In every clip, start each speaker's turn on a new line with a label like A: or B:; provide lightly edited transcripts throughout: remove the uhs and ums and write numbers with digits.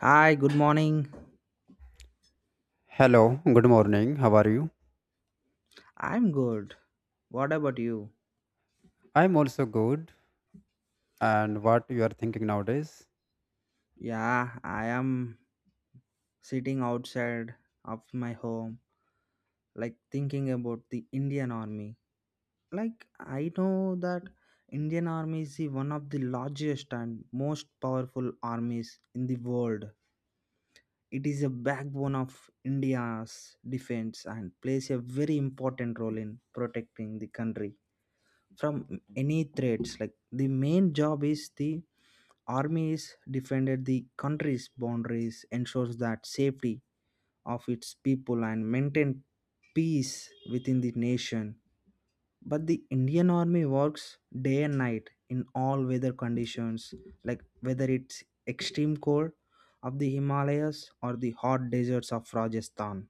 A: Hi, good morning.
B: Hello, good morning. How are you?
A: I'm good. What about you?
B: I'm also good. And what you are thinking nowadays?
A: Yeah, I am sitting outside of my home, like thinking about the Indian Army. Like, I know that Indian Army is the one of the largest and most powerful armies in the world. It is a backbone of India's defense and plays a very important role in protecting the country from any threats. Like, the main job is the armies defended the country's boundaries, ensures that safety of its people and maintain peace within the nation. But the Indian army works day and night in all weather conditions, like whether it's extreme cold of the Himalayas or the hot deserts of Rajasthan.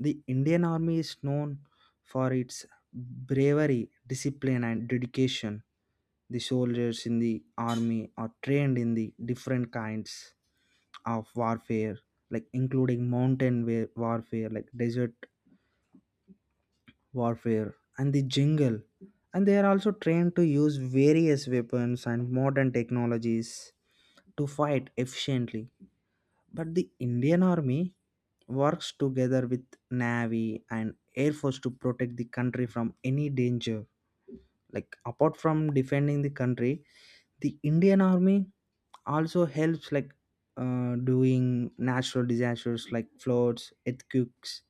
A: The Indian Army is known for its bravery, discipline, and dedication. The soldiers in the army are trained in the different kinds of warfare, like including mountain warfare, like desert warfare, and the jungle. And they are also trained to use various weapons and modern technologies to fight efficiently. But the Indian army works together with navy and air force to protect the country from any danger, like apart from defending the country, the Indian army also helps, like doing natural disasters like floods, earthquakes,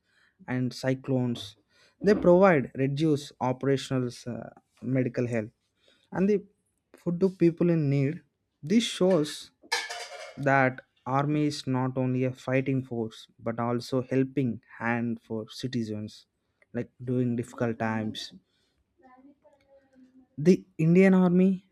A: and cyclones. They provide reduce operational, medical help and the food to people in need. This shows that army is not only a fighting force but also helping hand for citizens, like during difficult times. The Indian army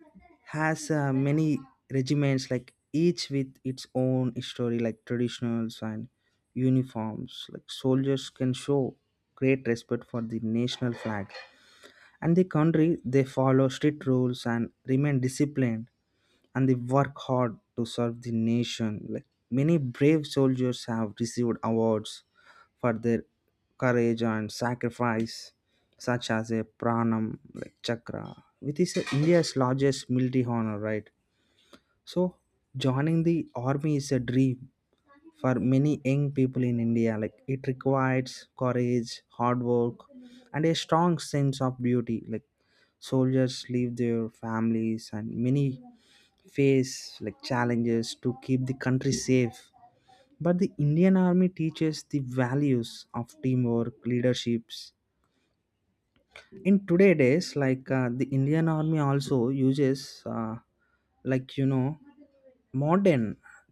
A: has many regiments, like each with its own story, like traditionals and uniforms. Like soldiers can show great respect for the national flag and the country. They follow strict rules and remain disciplined, and they work hard to serve the nation. Like many brave soldiers have received awards for their courage and sacrifice, such as a Pranam, like Chakra, which is India's largest military honor, right? So joining the army is a dream for many young people in India. Like it requires courage, hard work, and a strong sense of duty. Like soldiers leave their families and many face like challenges to keep the country safe, but the Indian army teaches the values of teamwork, leaderships. In today days, like the Indian army also uses, uh, like you know modern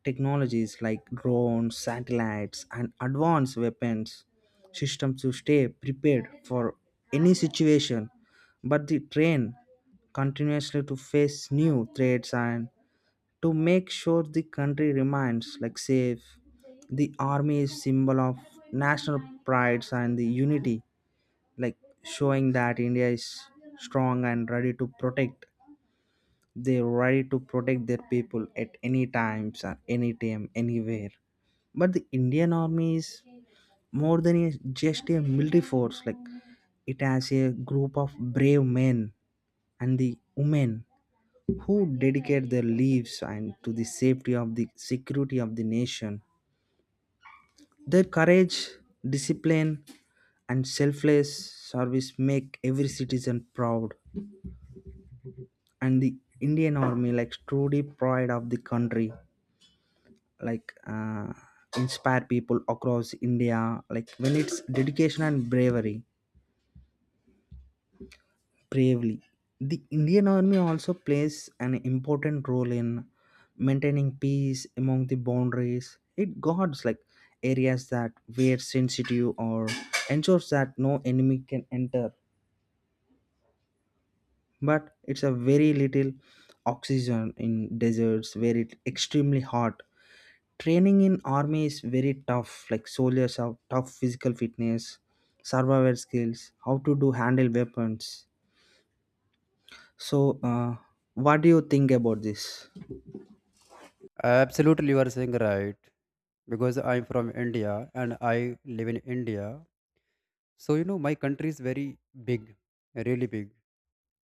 A: technologies like drones, satellites, and advanced weapons systems to stay prepared for any situation. But the train continuously to face new threats and to make sure the country remains like safe. The army is symbol of national prides and the unity, like showing that India is strong and ready to protect. They're ready to protect their people at any times or any time anywhere. But the Indian army is more than a, just a military force. Like it has a group of brave men and the women who dedicate their lives and to the safety of the security of the nation. Their courage, discipline, and selfless service make every citizen proud. And the Indian Army, like truly pride of the country, like inspire people across India. Like when it's dedication and bravery bravely. The Indian Army also plays an important role in maintaining peace among the boundaries. It guards like areas that were sensitive or ensures that no enemy can enter. But it's a very little oxygen in deserts where it's extremely hot. Training in army is very tough. Like soldiers have tough physical fitness, survival skills, how to do handle weapons. So, what do you think about this?
B: Absolutely, you are saying right. Because I'm from India and I live in India. So, my country is very big, really big.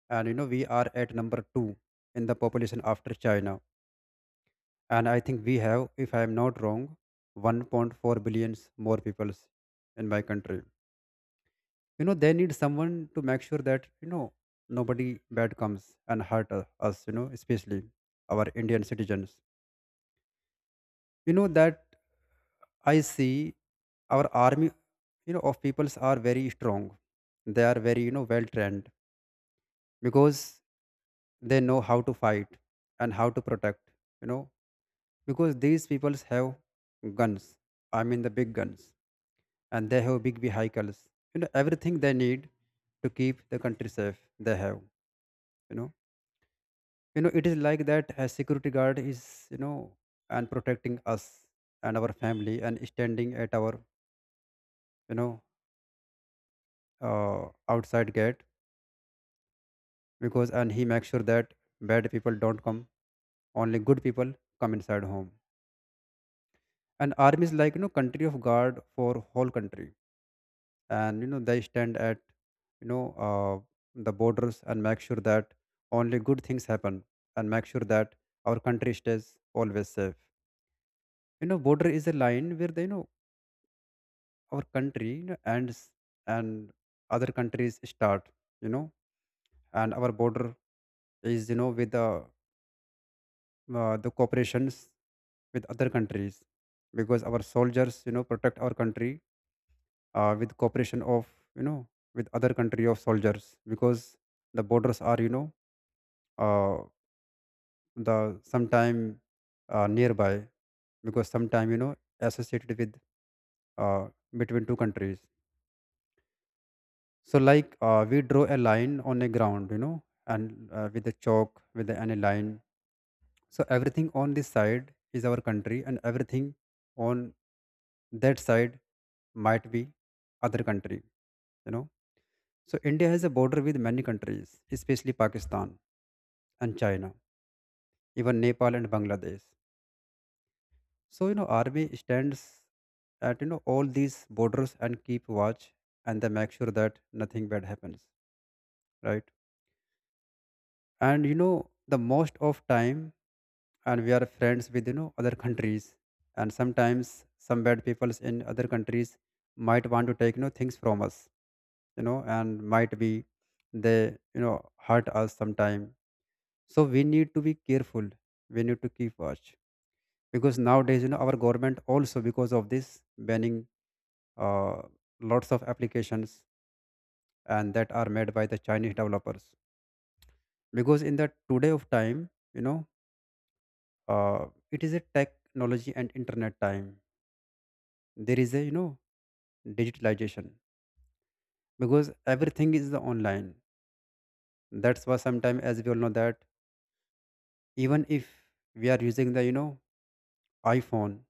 B: And, we are at number two in the population after China. And I think we have, if I'm not wrong, 1.4 billions more peoples in my country. They need someone to make sure that nobody bad comes and hurt us, especially our Indian citizens. That I see our army of peoples are very strong. They are very, well trained because they know how to fight and how to protect, you know because these peoples have guns. I mean the big guns. And they have big vehicles, everything they need to keep the country safe. They have, you know it is like that a security guard is, you know and protecting us and our family and standing at our, know uh, outside gate, because and he makes sure that bad people don't come, only good people come inside home. And army is like, country of guard for whole country. And they stand at, you know uh, the borders and make sure that only good things happen, and make sure that our country stays always safe. Border is a line where they, you know, our country, and and other countries start, you know and our border is, you know, with the the cooperations with other countries because our soldiers protect our country, with cooperation of, you know with other country of soldiers because the borders are, uh, the sometime nearby, because sometime associated with, uh, between two countries. So like, we draw a line on a ground, and with a chalk, any line. So everything on this side is our country, and everything on that side might be other country, you know. So India has a border with many countries, especially Pakistan and China, even Nepal and Bangladesh. So, army stands at, you know, all these borders and keep watch, and they make sure that nothing bad happens, right? And, the most of time, and we are friends with, you know, other countries, and sometimes some bad peoples in other countries might want to take, things from us, and might be they, you know hurt us sometime. So we need to be careful, we need to keep watch because nowadays, our government also because of this banning uh, lots of applications, and that are made by the Chinese developers because in the today of time, uh, it is a technology and internet time. There is a, digitalization because everything is the online. That's why sometimes, as we all know that, even if we are using the, iPhone,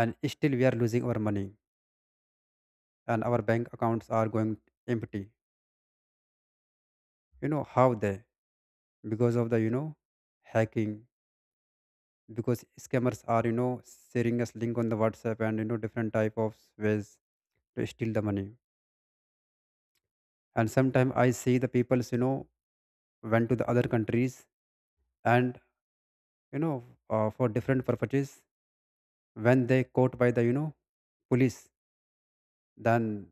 B: and still we are losing our money and our bank accounts are going empty. How they? Because of the, hacking. Because scammers are, sharing us link on the WhatsApp and, different type of ways to steal the money. And sometimes I see the people's, went to the other countries and, you know for different purposes. When they caught by the, police, then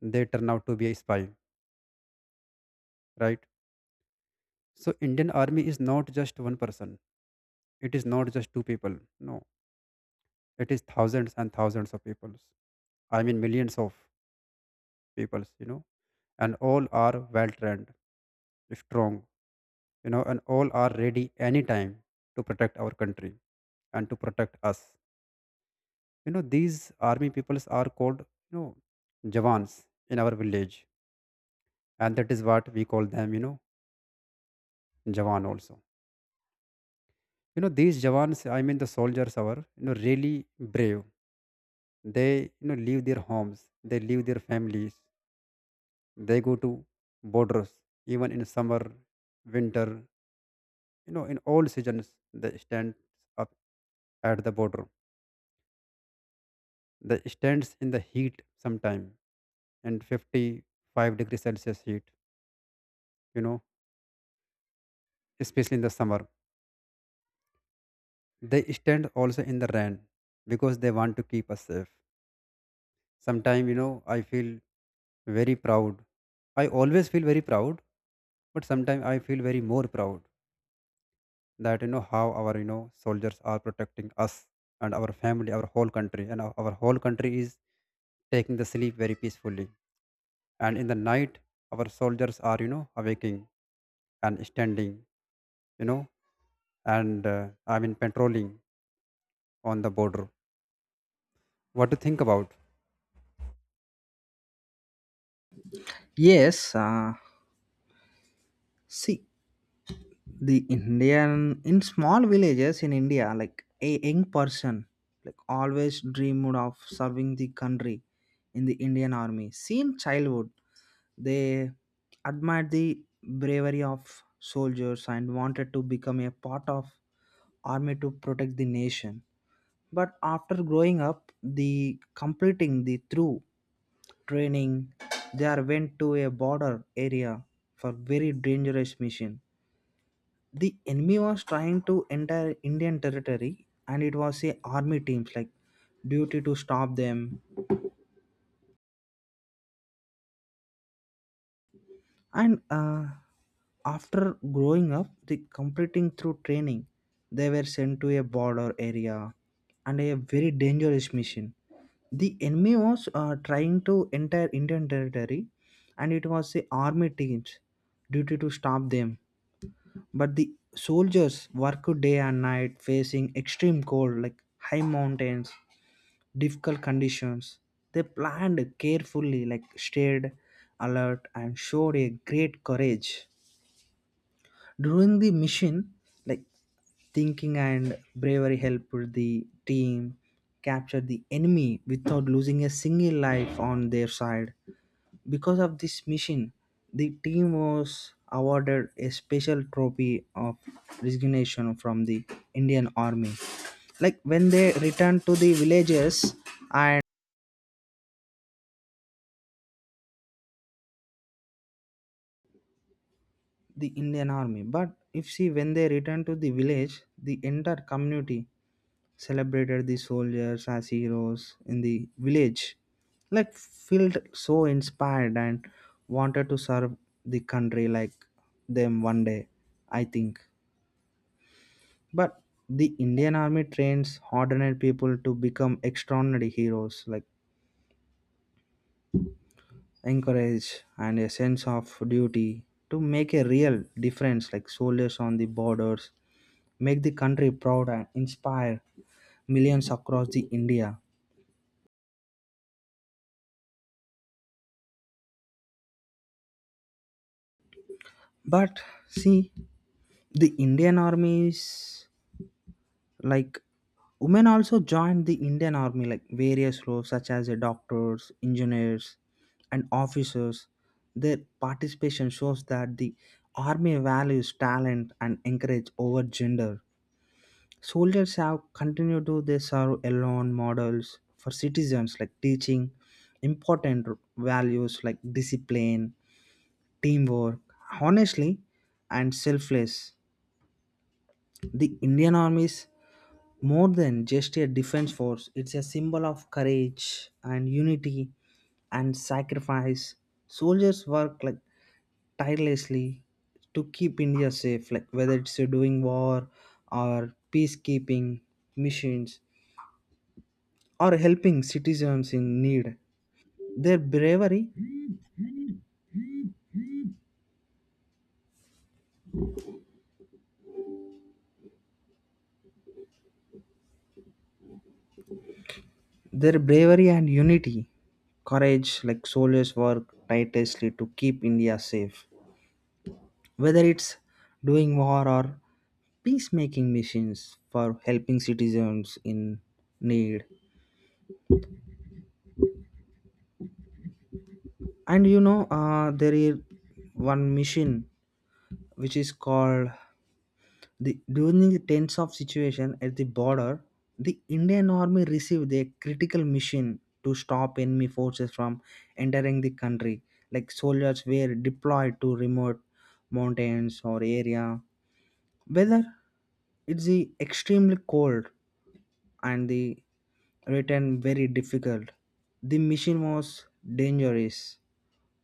B: they turn out to be a spy, right? So Indian army is not just one person, it is not just two people. No, it is thousands and thousands of peoples. I mean millions of peoples, and all are well trained, strong, and all are ready anytime to protect our country and to protect us. These army peoples are called, you know jawans. In our village, and that is what we call them, you know, jawan also. These jawans, I mean the soldiers are, really brave. They, leave their homes, they leave their families, they go to borders even in summer, winter, in all seasons. They stand up at the border. They stands in the heat sometime, and 55-degree Celsius heat, you know, especially in the summer. They stand also in the rain because they want to keep us safe. Sometimes, I feel very proud. I always feel very proud, but sometimes I feel very more proud that, how our, soldiers are protecting us and our family, our whole country, and our whole country is taking the sleep very peacefully. And in the night, our soldiers are, awaking and standing, you know, and I mean, patrolling on the border. What to think about?
A: Yes, see, the Indian in small villages in India, like a young person, like always dreamed of serving the country in the Indian army. Since childhood, they admired the bravery of soldiers and wanted to become a part of army to protect the nation. But after growing up the completing the through training, they are went to a border area for very dangerous mission. The enemy was trying to enter Indian territory, and it was a army teams like duty to stop them. And after growing up the completing through training, they were sent to a border area and a very dangerous mission. The enemy was trying to enter Indian territory, and it was the army teams duty to stop them. But the soldiers worked day and night facing extreme cold, like high mountains, difficult conditions. They planned carefully, like stayed alert, and showed a great courage. During the mission, like thinking and bravery helped the team capture the enemy without losing a single life on their side. Because of this mission, the team was awarded a special trophy of resignation from the Indian Army. Like when they returned to the villages and the Indian Army. But if see, when they returned to the village, the entire community celebrated the soldiers as heroes in the village. Like felt so inspired and wanted to serve the country like them one day, I think. But the Indian Army trains ordinary people to become extraordinary heroes, like encourage and a sense of duty to make a real difference, like soldiers on the borders, make the country proud and inspire millions across the India. But see, the Indian army is. Like women also joined the Indian army, like various roles such as the doctors, engineers, and officers. Their participation shows that the army values talent and encourage over gender. Soldiers have continued to they serve alone models for citizens, like teaching important values like discipline, teamwork, honestly, and selfless. The Indian Army is more than just a defense force, it's a symbol of courage and unity and sacrifice. Soldiers work like tirelessly to keep India safe, like whether it's doing war or peacekeeping missions or helping citizens in need. Their bravery, their bravery and unity, courage, like soldiers work tirelessly to keep India safe, whether it's doing war or peacemaking missions for helping citizens in need. And you know, there is one mission which is called the during the tense of situation at the border, the Indian Army received a critical mission to stop enemy forces from entering the country. Like soldiers were deployed to remote mountains or area, whether it's the extremely cold and the return very difficult. The mission was dangerous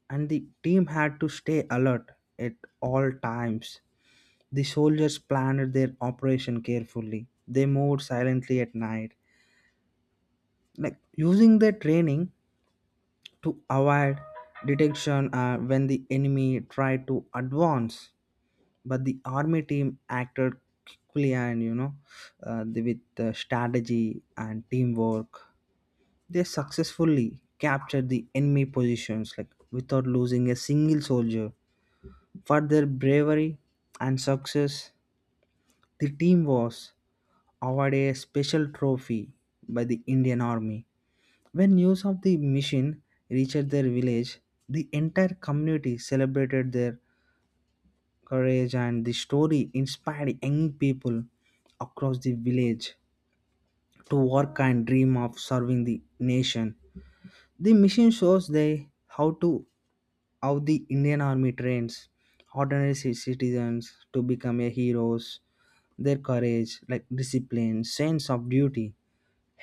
A: and the team had to stay alert at all times. The soldiers planned their operation carefully. They moved silently at night, like using their training to avoid detection when the enemy tried to advance. But the army team acted quickly and you know, with strategy and teamwork. They successfully captured the enemy positions like without losing a single soldier. For their bravery and success, the team was awarded a special trophy by the Indian Army. When news of the mission reached their village, the entire community celebrated their courage and the story inspired young people across the village to work and dream of serving the nation. The mission shows they how to how the Indian Army trains ordinary citizens to become a heroes. Their courage, like discipline, sense of duty,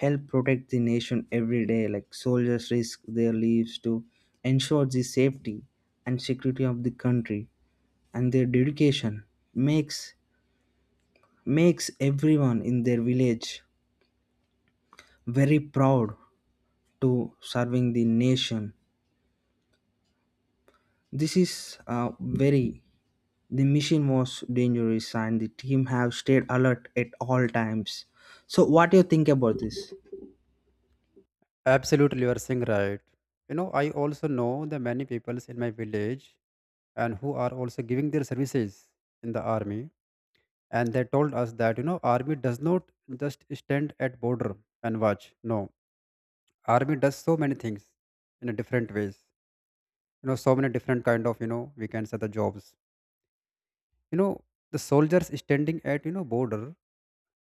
A: help protect the nation every day. Like soldiers risk their lives to ensure the safety and security of the country, and their dedication makes makes everyone in their village very proud to serving the nation. This is very. The mission was dangerous and the team have stayed alert at all times. So what do you think about this?
B: Absolutely, you are saying right. I also know the many peoples in my village and who are also giving their services in the army, and they told us that, army does not just stand at border and watch. No, army does so many things in a different ways, so many different kind of, we can say the jobs. you know the soldiers standing at, border,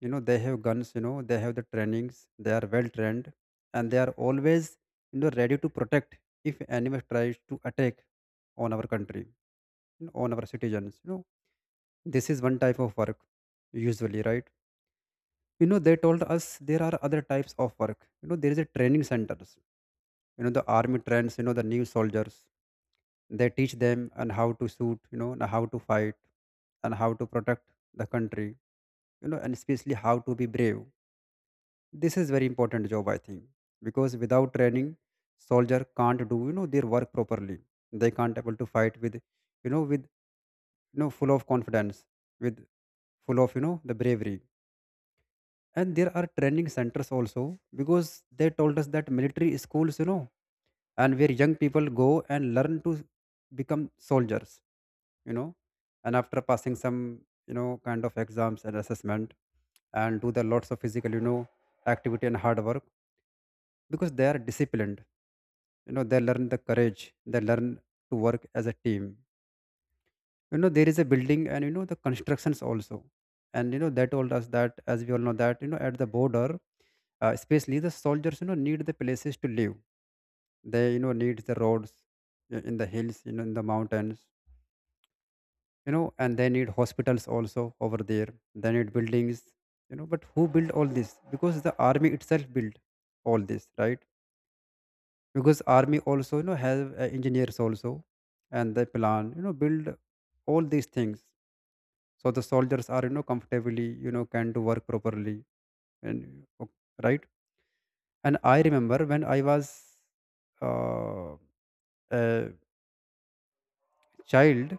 B: they have guns, they have the trainings, they are well trained, and they are always, ready to protect if enemy tries to attack on our country, on our citizens. This is one type of work, usually, right? They told us there are other types of work. There is a training centers. The army trains, the new soldiers. They teach them and how to shoot, and how to fight and how to protect the country, and especially how to be brave. This is very important job, I think, because without training, soldier can't do, their work properly. They can't able to fight with, with, you know, full of confidence, with full of, you know, the bravery. And there are training centers also, because they told us that military schools, and where young people go and learn to become soldiers, you know and after passing some, kind of exams and assessment and do the lots of physical, activity and hard work, because they are disciplined, they learn the courage, they learn to work as a team. There is a building and, the constructions also. And, they told us that, as we all know that, at the border, especially the soldiers, need the places to live, they, need the roads, in the hills, in the mountains, and they need hospitals also over there, they need buildings, but who build all this? Because the army itself built all this, right? Because army also, have, engineers also, and they plan, build all these things, so the soldiers are, comfortably, can do work properly. And right. And I remember when I was uh, a child,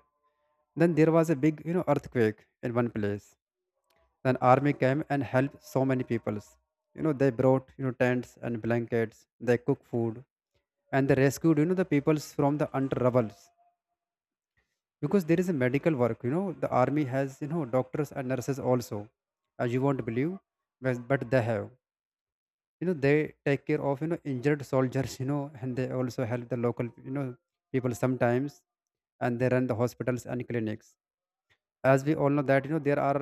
B: then there was a big, earthquake in one place. Then army came and helped so many peoples. They brought, tents and blankets, they cooked food, and they rescued, the peoples from the under rubbles. Because there is a medical work, the army has, doctors and nurses also. As you won't believe, but they have, they take care of, injured soldiers, and they also help the local, people sometimes. And they run the hospitals and clinics. As we all know that, there are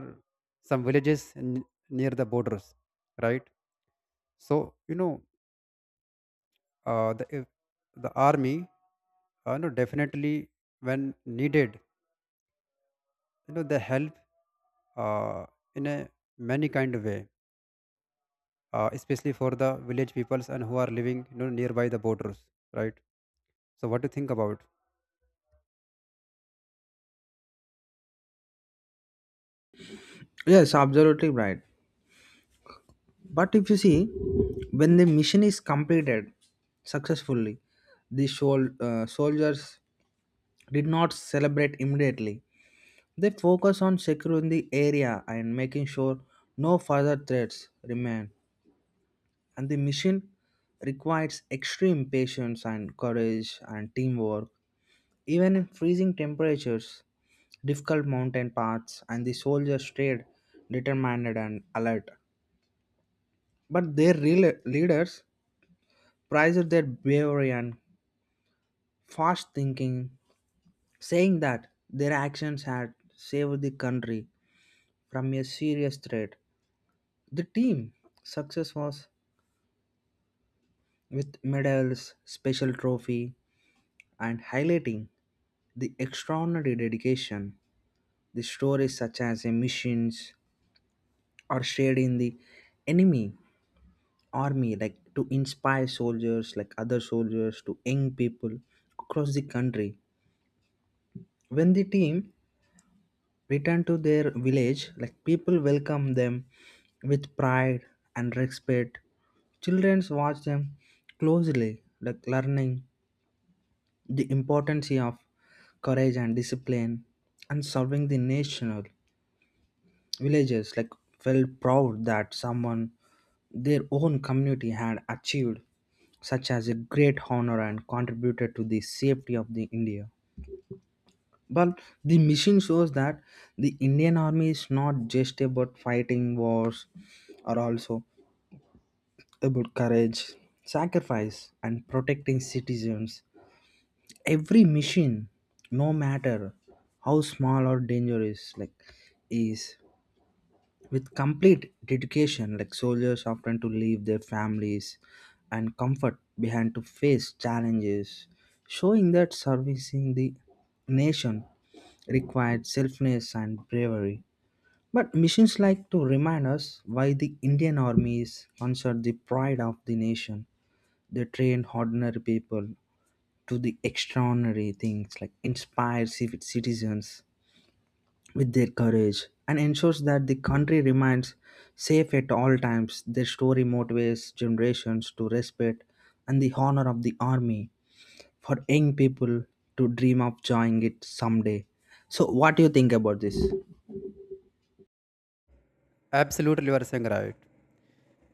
B: some villages near the borders, right? So, you know the if the army, definitely when needed, they help uh, in a many kind of way, especially for the village peoples and who are living, nearby the borders, right? So what do you think about?
A: Yes, absolutely right. But if you see, when the mission is completed successfully, the soldiers did not celebrate immediately. They focus on securing the area and making sure no further threats remain. And the mission requires extreme patience and courage and teamwork. Even in freezing temperatures, difficult mountain paths, and the soldiers stayed determined and alert. But their real- leaders prized their bravery and fast thinking, saying that their actions had saved the country from a serious threat. The team success was with medals, special trophy, and highlighting the extraordinary dedication. The stories such as a missions are shared in the enemy army like to inspire soldiers like other soldiers to young people across the country. When the team returned to their village, like people welcomed them with pride and respect. Children watch them closely, like learning the importance of courage and discipline and serving the nation. Villagers like felt proud that someone their own community had achieved such as a great honor and contributed to the safety of the India. But the mission shows that the Indian army is not just about fighting wars or also about courage, sacrifice, and protecting citizens. Every mission, no matter how small or dangerous like is with complete dedication, like soldiers often to leave their families and comfort behind to face challenges, showing that servicing the nation required selfness and bravery. But missions like to remind us why the Indian Army is considered the pride of the nation. They train ordinary people to the extraordinary things, like inspire citizens with their courage and ensures that the country remains safe at all times. Their story motivates generations to respect and the honor of the army for young people to dream of joining it someday. So, what do you think about this?
B: Absolutely, you are saying right.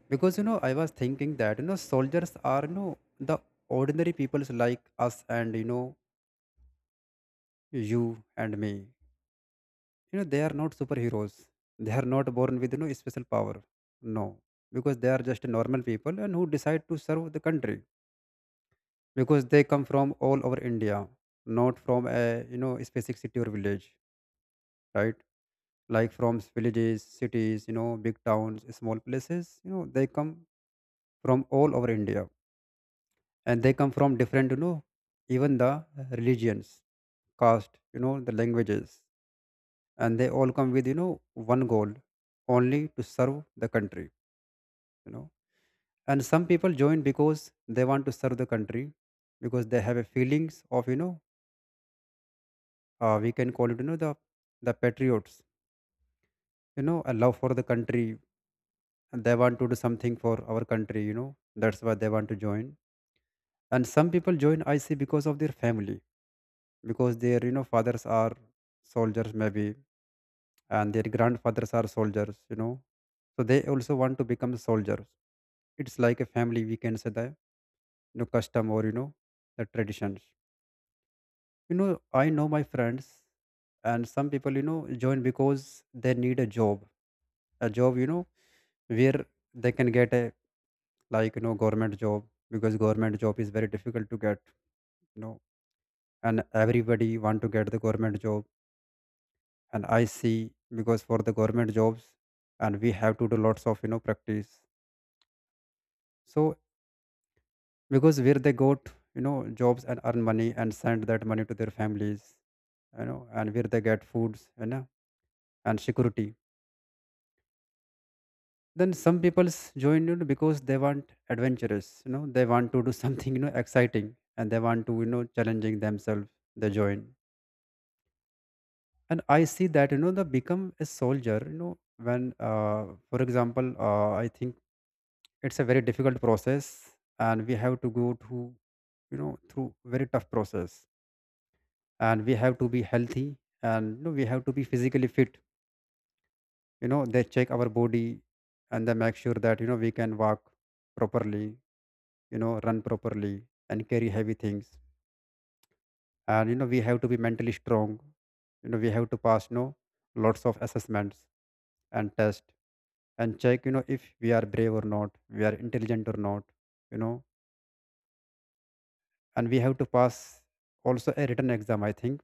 B: Because, I was thinking that, soldiers are, you know, the ordinary peoples like us, and, you know, you and me. They are not superheroes. They are not born with, special power. No, because they are just normal people and who decide to serve the country, because they come from all over India, not from a, you know, specific city or village, right? Like from villages, cities, big towns, small places. They come from all over India and they come from different even the religions, caste, the languages, and they all come with one goal, only to serve the country. you know and some people join because they want to serve the country because they have a feelings of we can call it, the patriots, a love for the country, and they want to do something for our country. That's why they want to join. And some people join, I see, because of their family, because their, fathers are soldiers maybe, and their grandfathers are soldiers, So they also want to become soldiers. It's like a family, we can say that, custom, or, the traditions. I know my friends. And some people, join because they need a job, where they can get a, like, government job, because government job is very difficult to get, you know, and everybody want to get the government job. And I see, because for the government jobs, and we have to do lots of, practice. So because where they got you know jobs and earn money and send that money to their families, and where they get foods, and security. Then some people join, because they want adventurous, they want to do something, exciting, and they want to, challenging themselves, they join. And I see that, they become a soldier, when for example, I think it's a very difficult process, and we have to go to, through very tough process. And we have to be healthy, and we have to be physically fit. They check our body, and they make sure that, we can walk properly, run properly, and carry heavy things. And we have to be mentally strong. We have to pass, lots of assessments and tests, and check, if we are brave or not, we are intelligent or not. you know and we have to pass also a written exam, I think.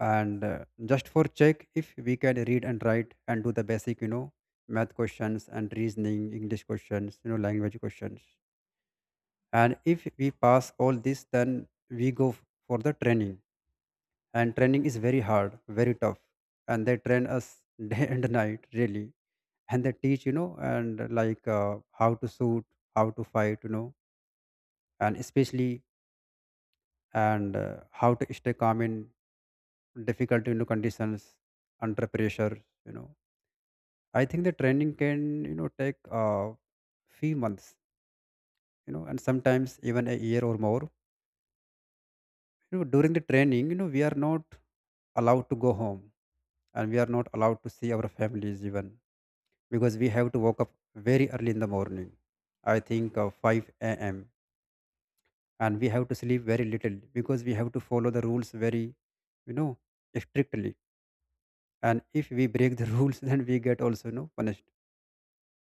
B: And just for check if we can read and write and do the basic, math questions, and reasoning, english questions, language questions. And if we pass all this, then we go for the training. And training is very hard, very tough, and they train us day and night, really. And they teach, and like how to shoot, how to fight, and especially, and how to stay calm in difficult, conditions, under pressure. you know I think the training can, take a few months, and sometimes even a year or more. During the training, we are not allowed to go home, and we are not allowed to see our families even, because we have to wake up very early in the morning. I think 5 a.m. And we have to sleep very little because we have to follow the rules very, you know, strictly. And if we break the rules, then we get also, punished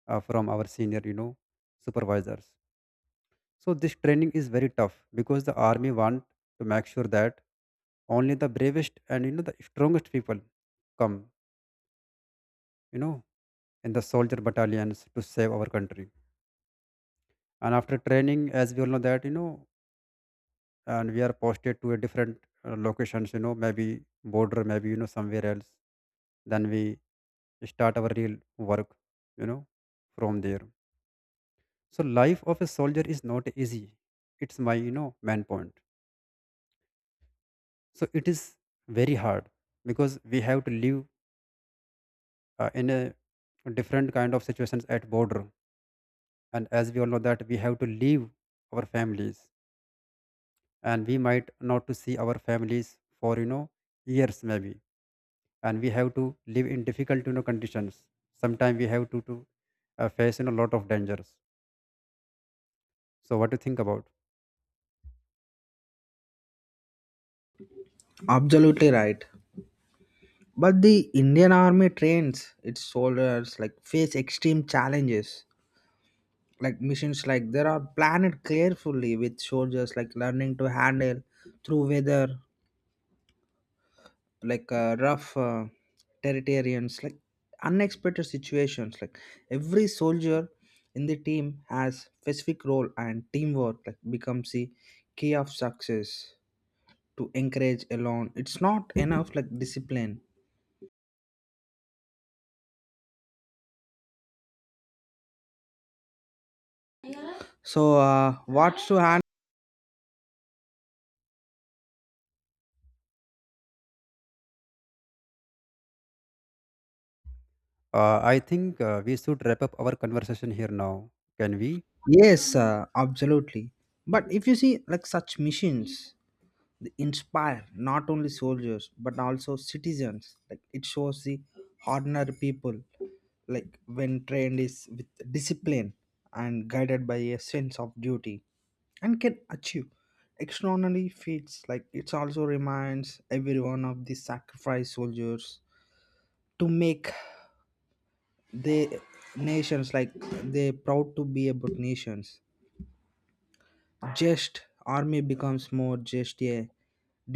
B: from our senior, supervisors. So this training is very tough because the army want to make sure that only the bravest and, the strongest people come, you know, in the soldier battalions to save our country. And after training, as we all know that, and we are posted to a different locations, maybe border, maybe somewhere else. Then we start our real work, you know, from there. So life of a soldier is not easy. It's my, main point. So it is very hard because we have to live in a different kind of situations at border. And as we all know that we have to leave our families, and we might not to see our families for, years maybe. And we have to live in difficult, conditions. Sometimes we have to face, lot of dangers. So what do you think about?
A: Absolutely right. But the Indian army trains its soldiers like face extreme challenges, like missions like there are planned carefully with soldiers like learning to handle through weather, like rough territorians, like unexpected situations, like every soldier in the team has specific role and teamwork like becomes the key of success. To encourage alone it's not enough, like discipline. So, what's to hand.
B: I think we should wrap up our conversation here now. Can we?
A: Yes, absolutely. But if you see, like such missions, they inspire not only soldiers but also citizens, like it shows the ordinary people, like when trained is with discipline and guided by a sense of duty, and can achieve extraordinary feats, like it also reminds everyone of the sacrifice soldiers to make the nations, like they proud to be about nations. Just army becomes more just a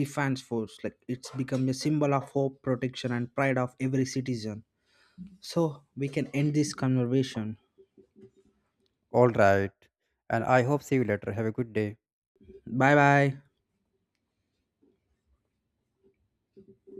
A: defense force, like it's become a symbol of hope, protection, and pride of every citizen. So we can end this conversation.
B: All right. And I hope see you later. Have a good day.
A: Bye bye.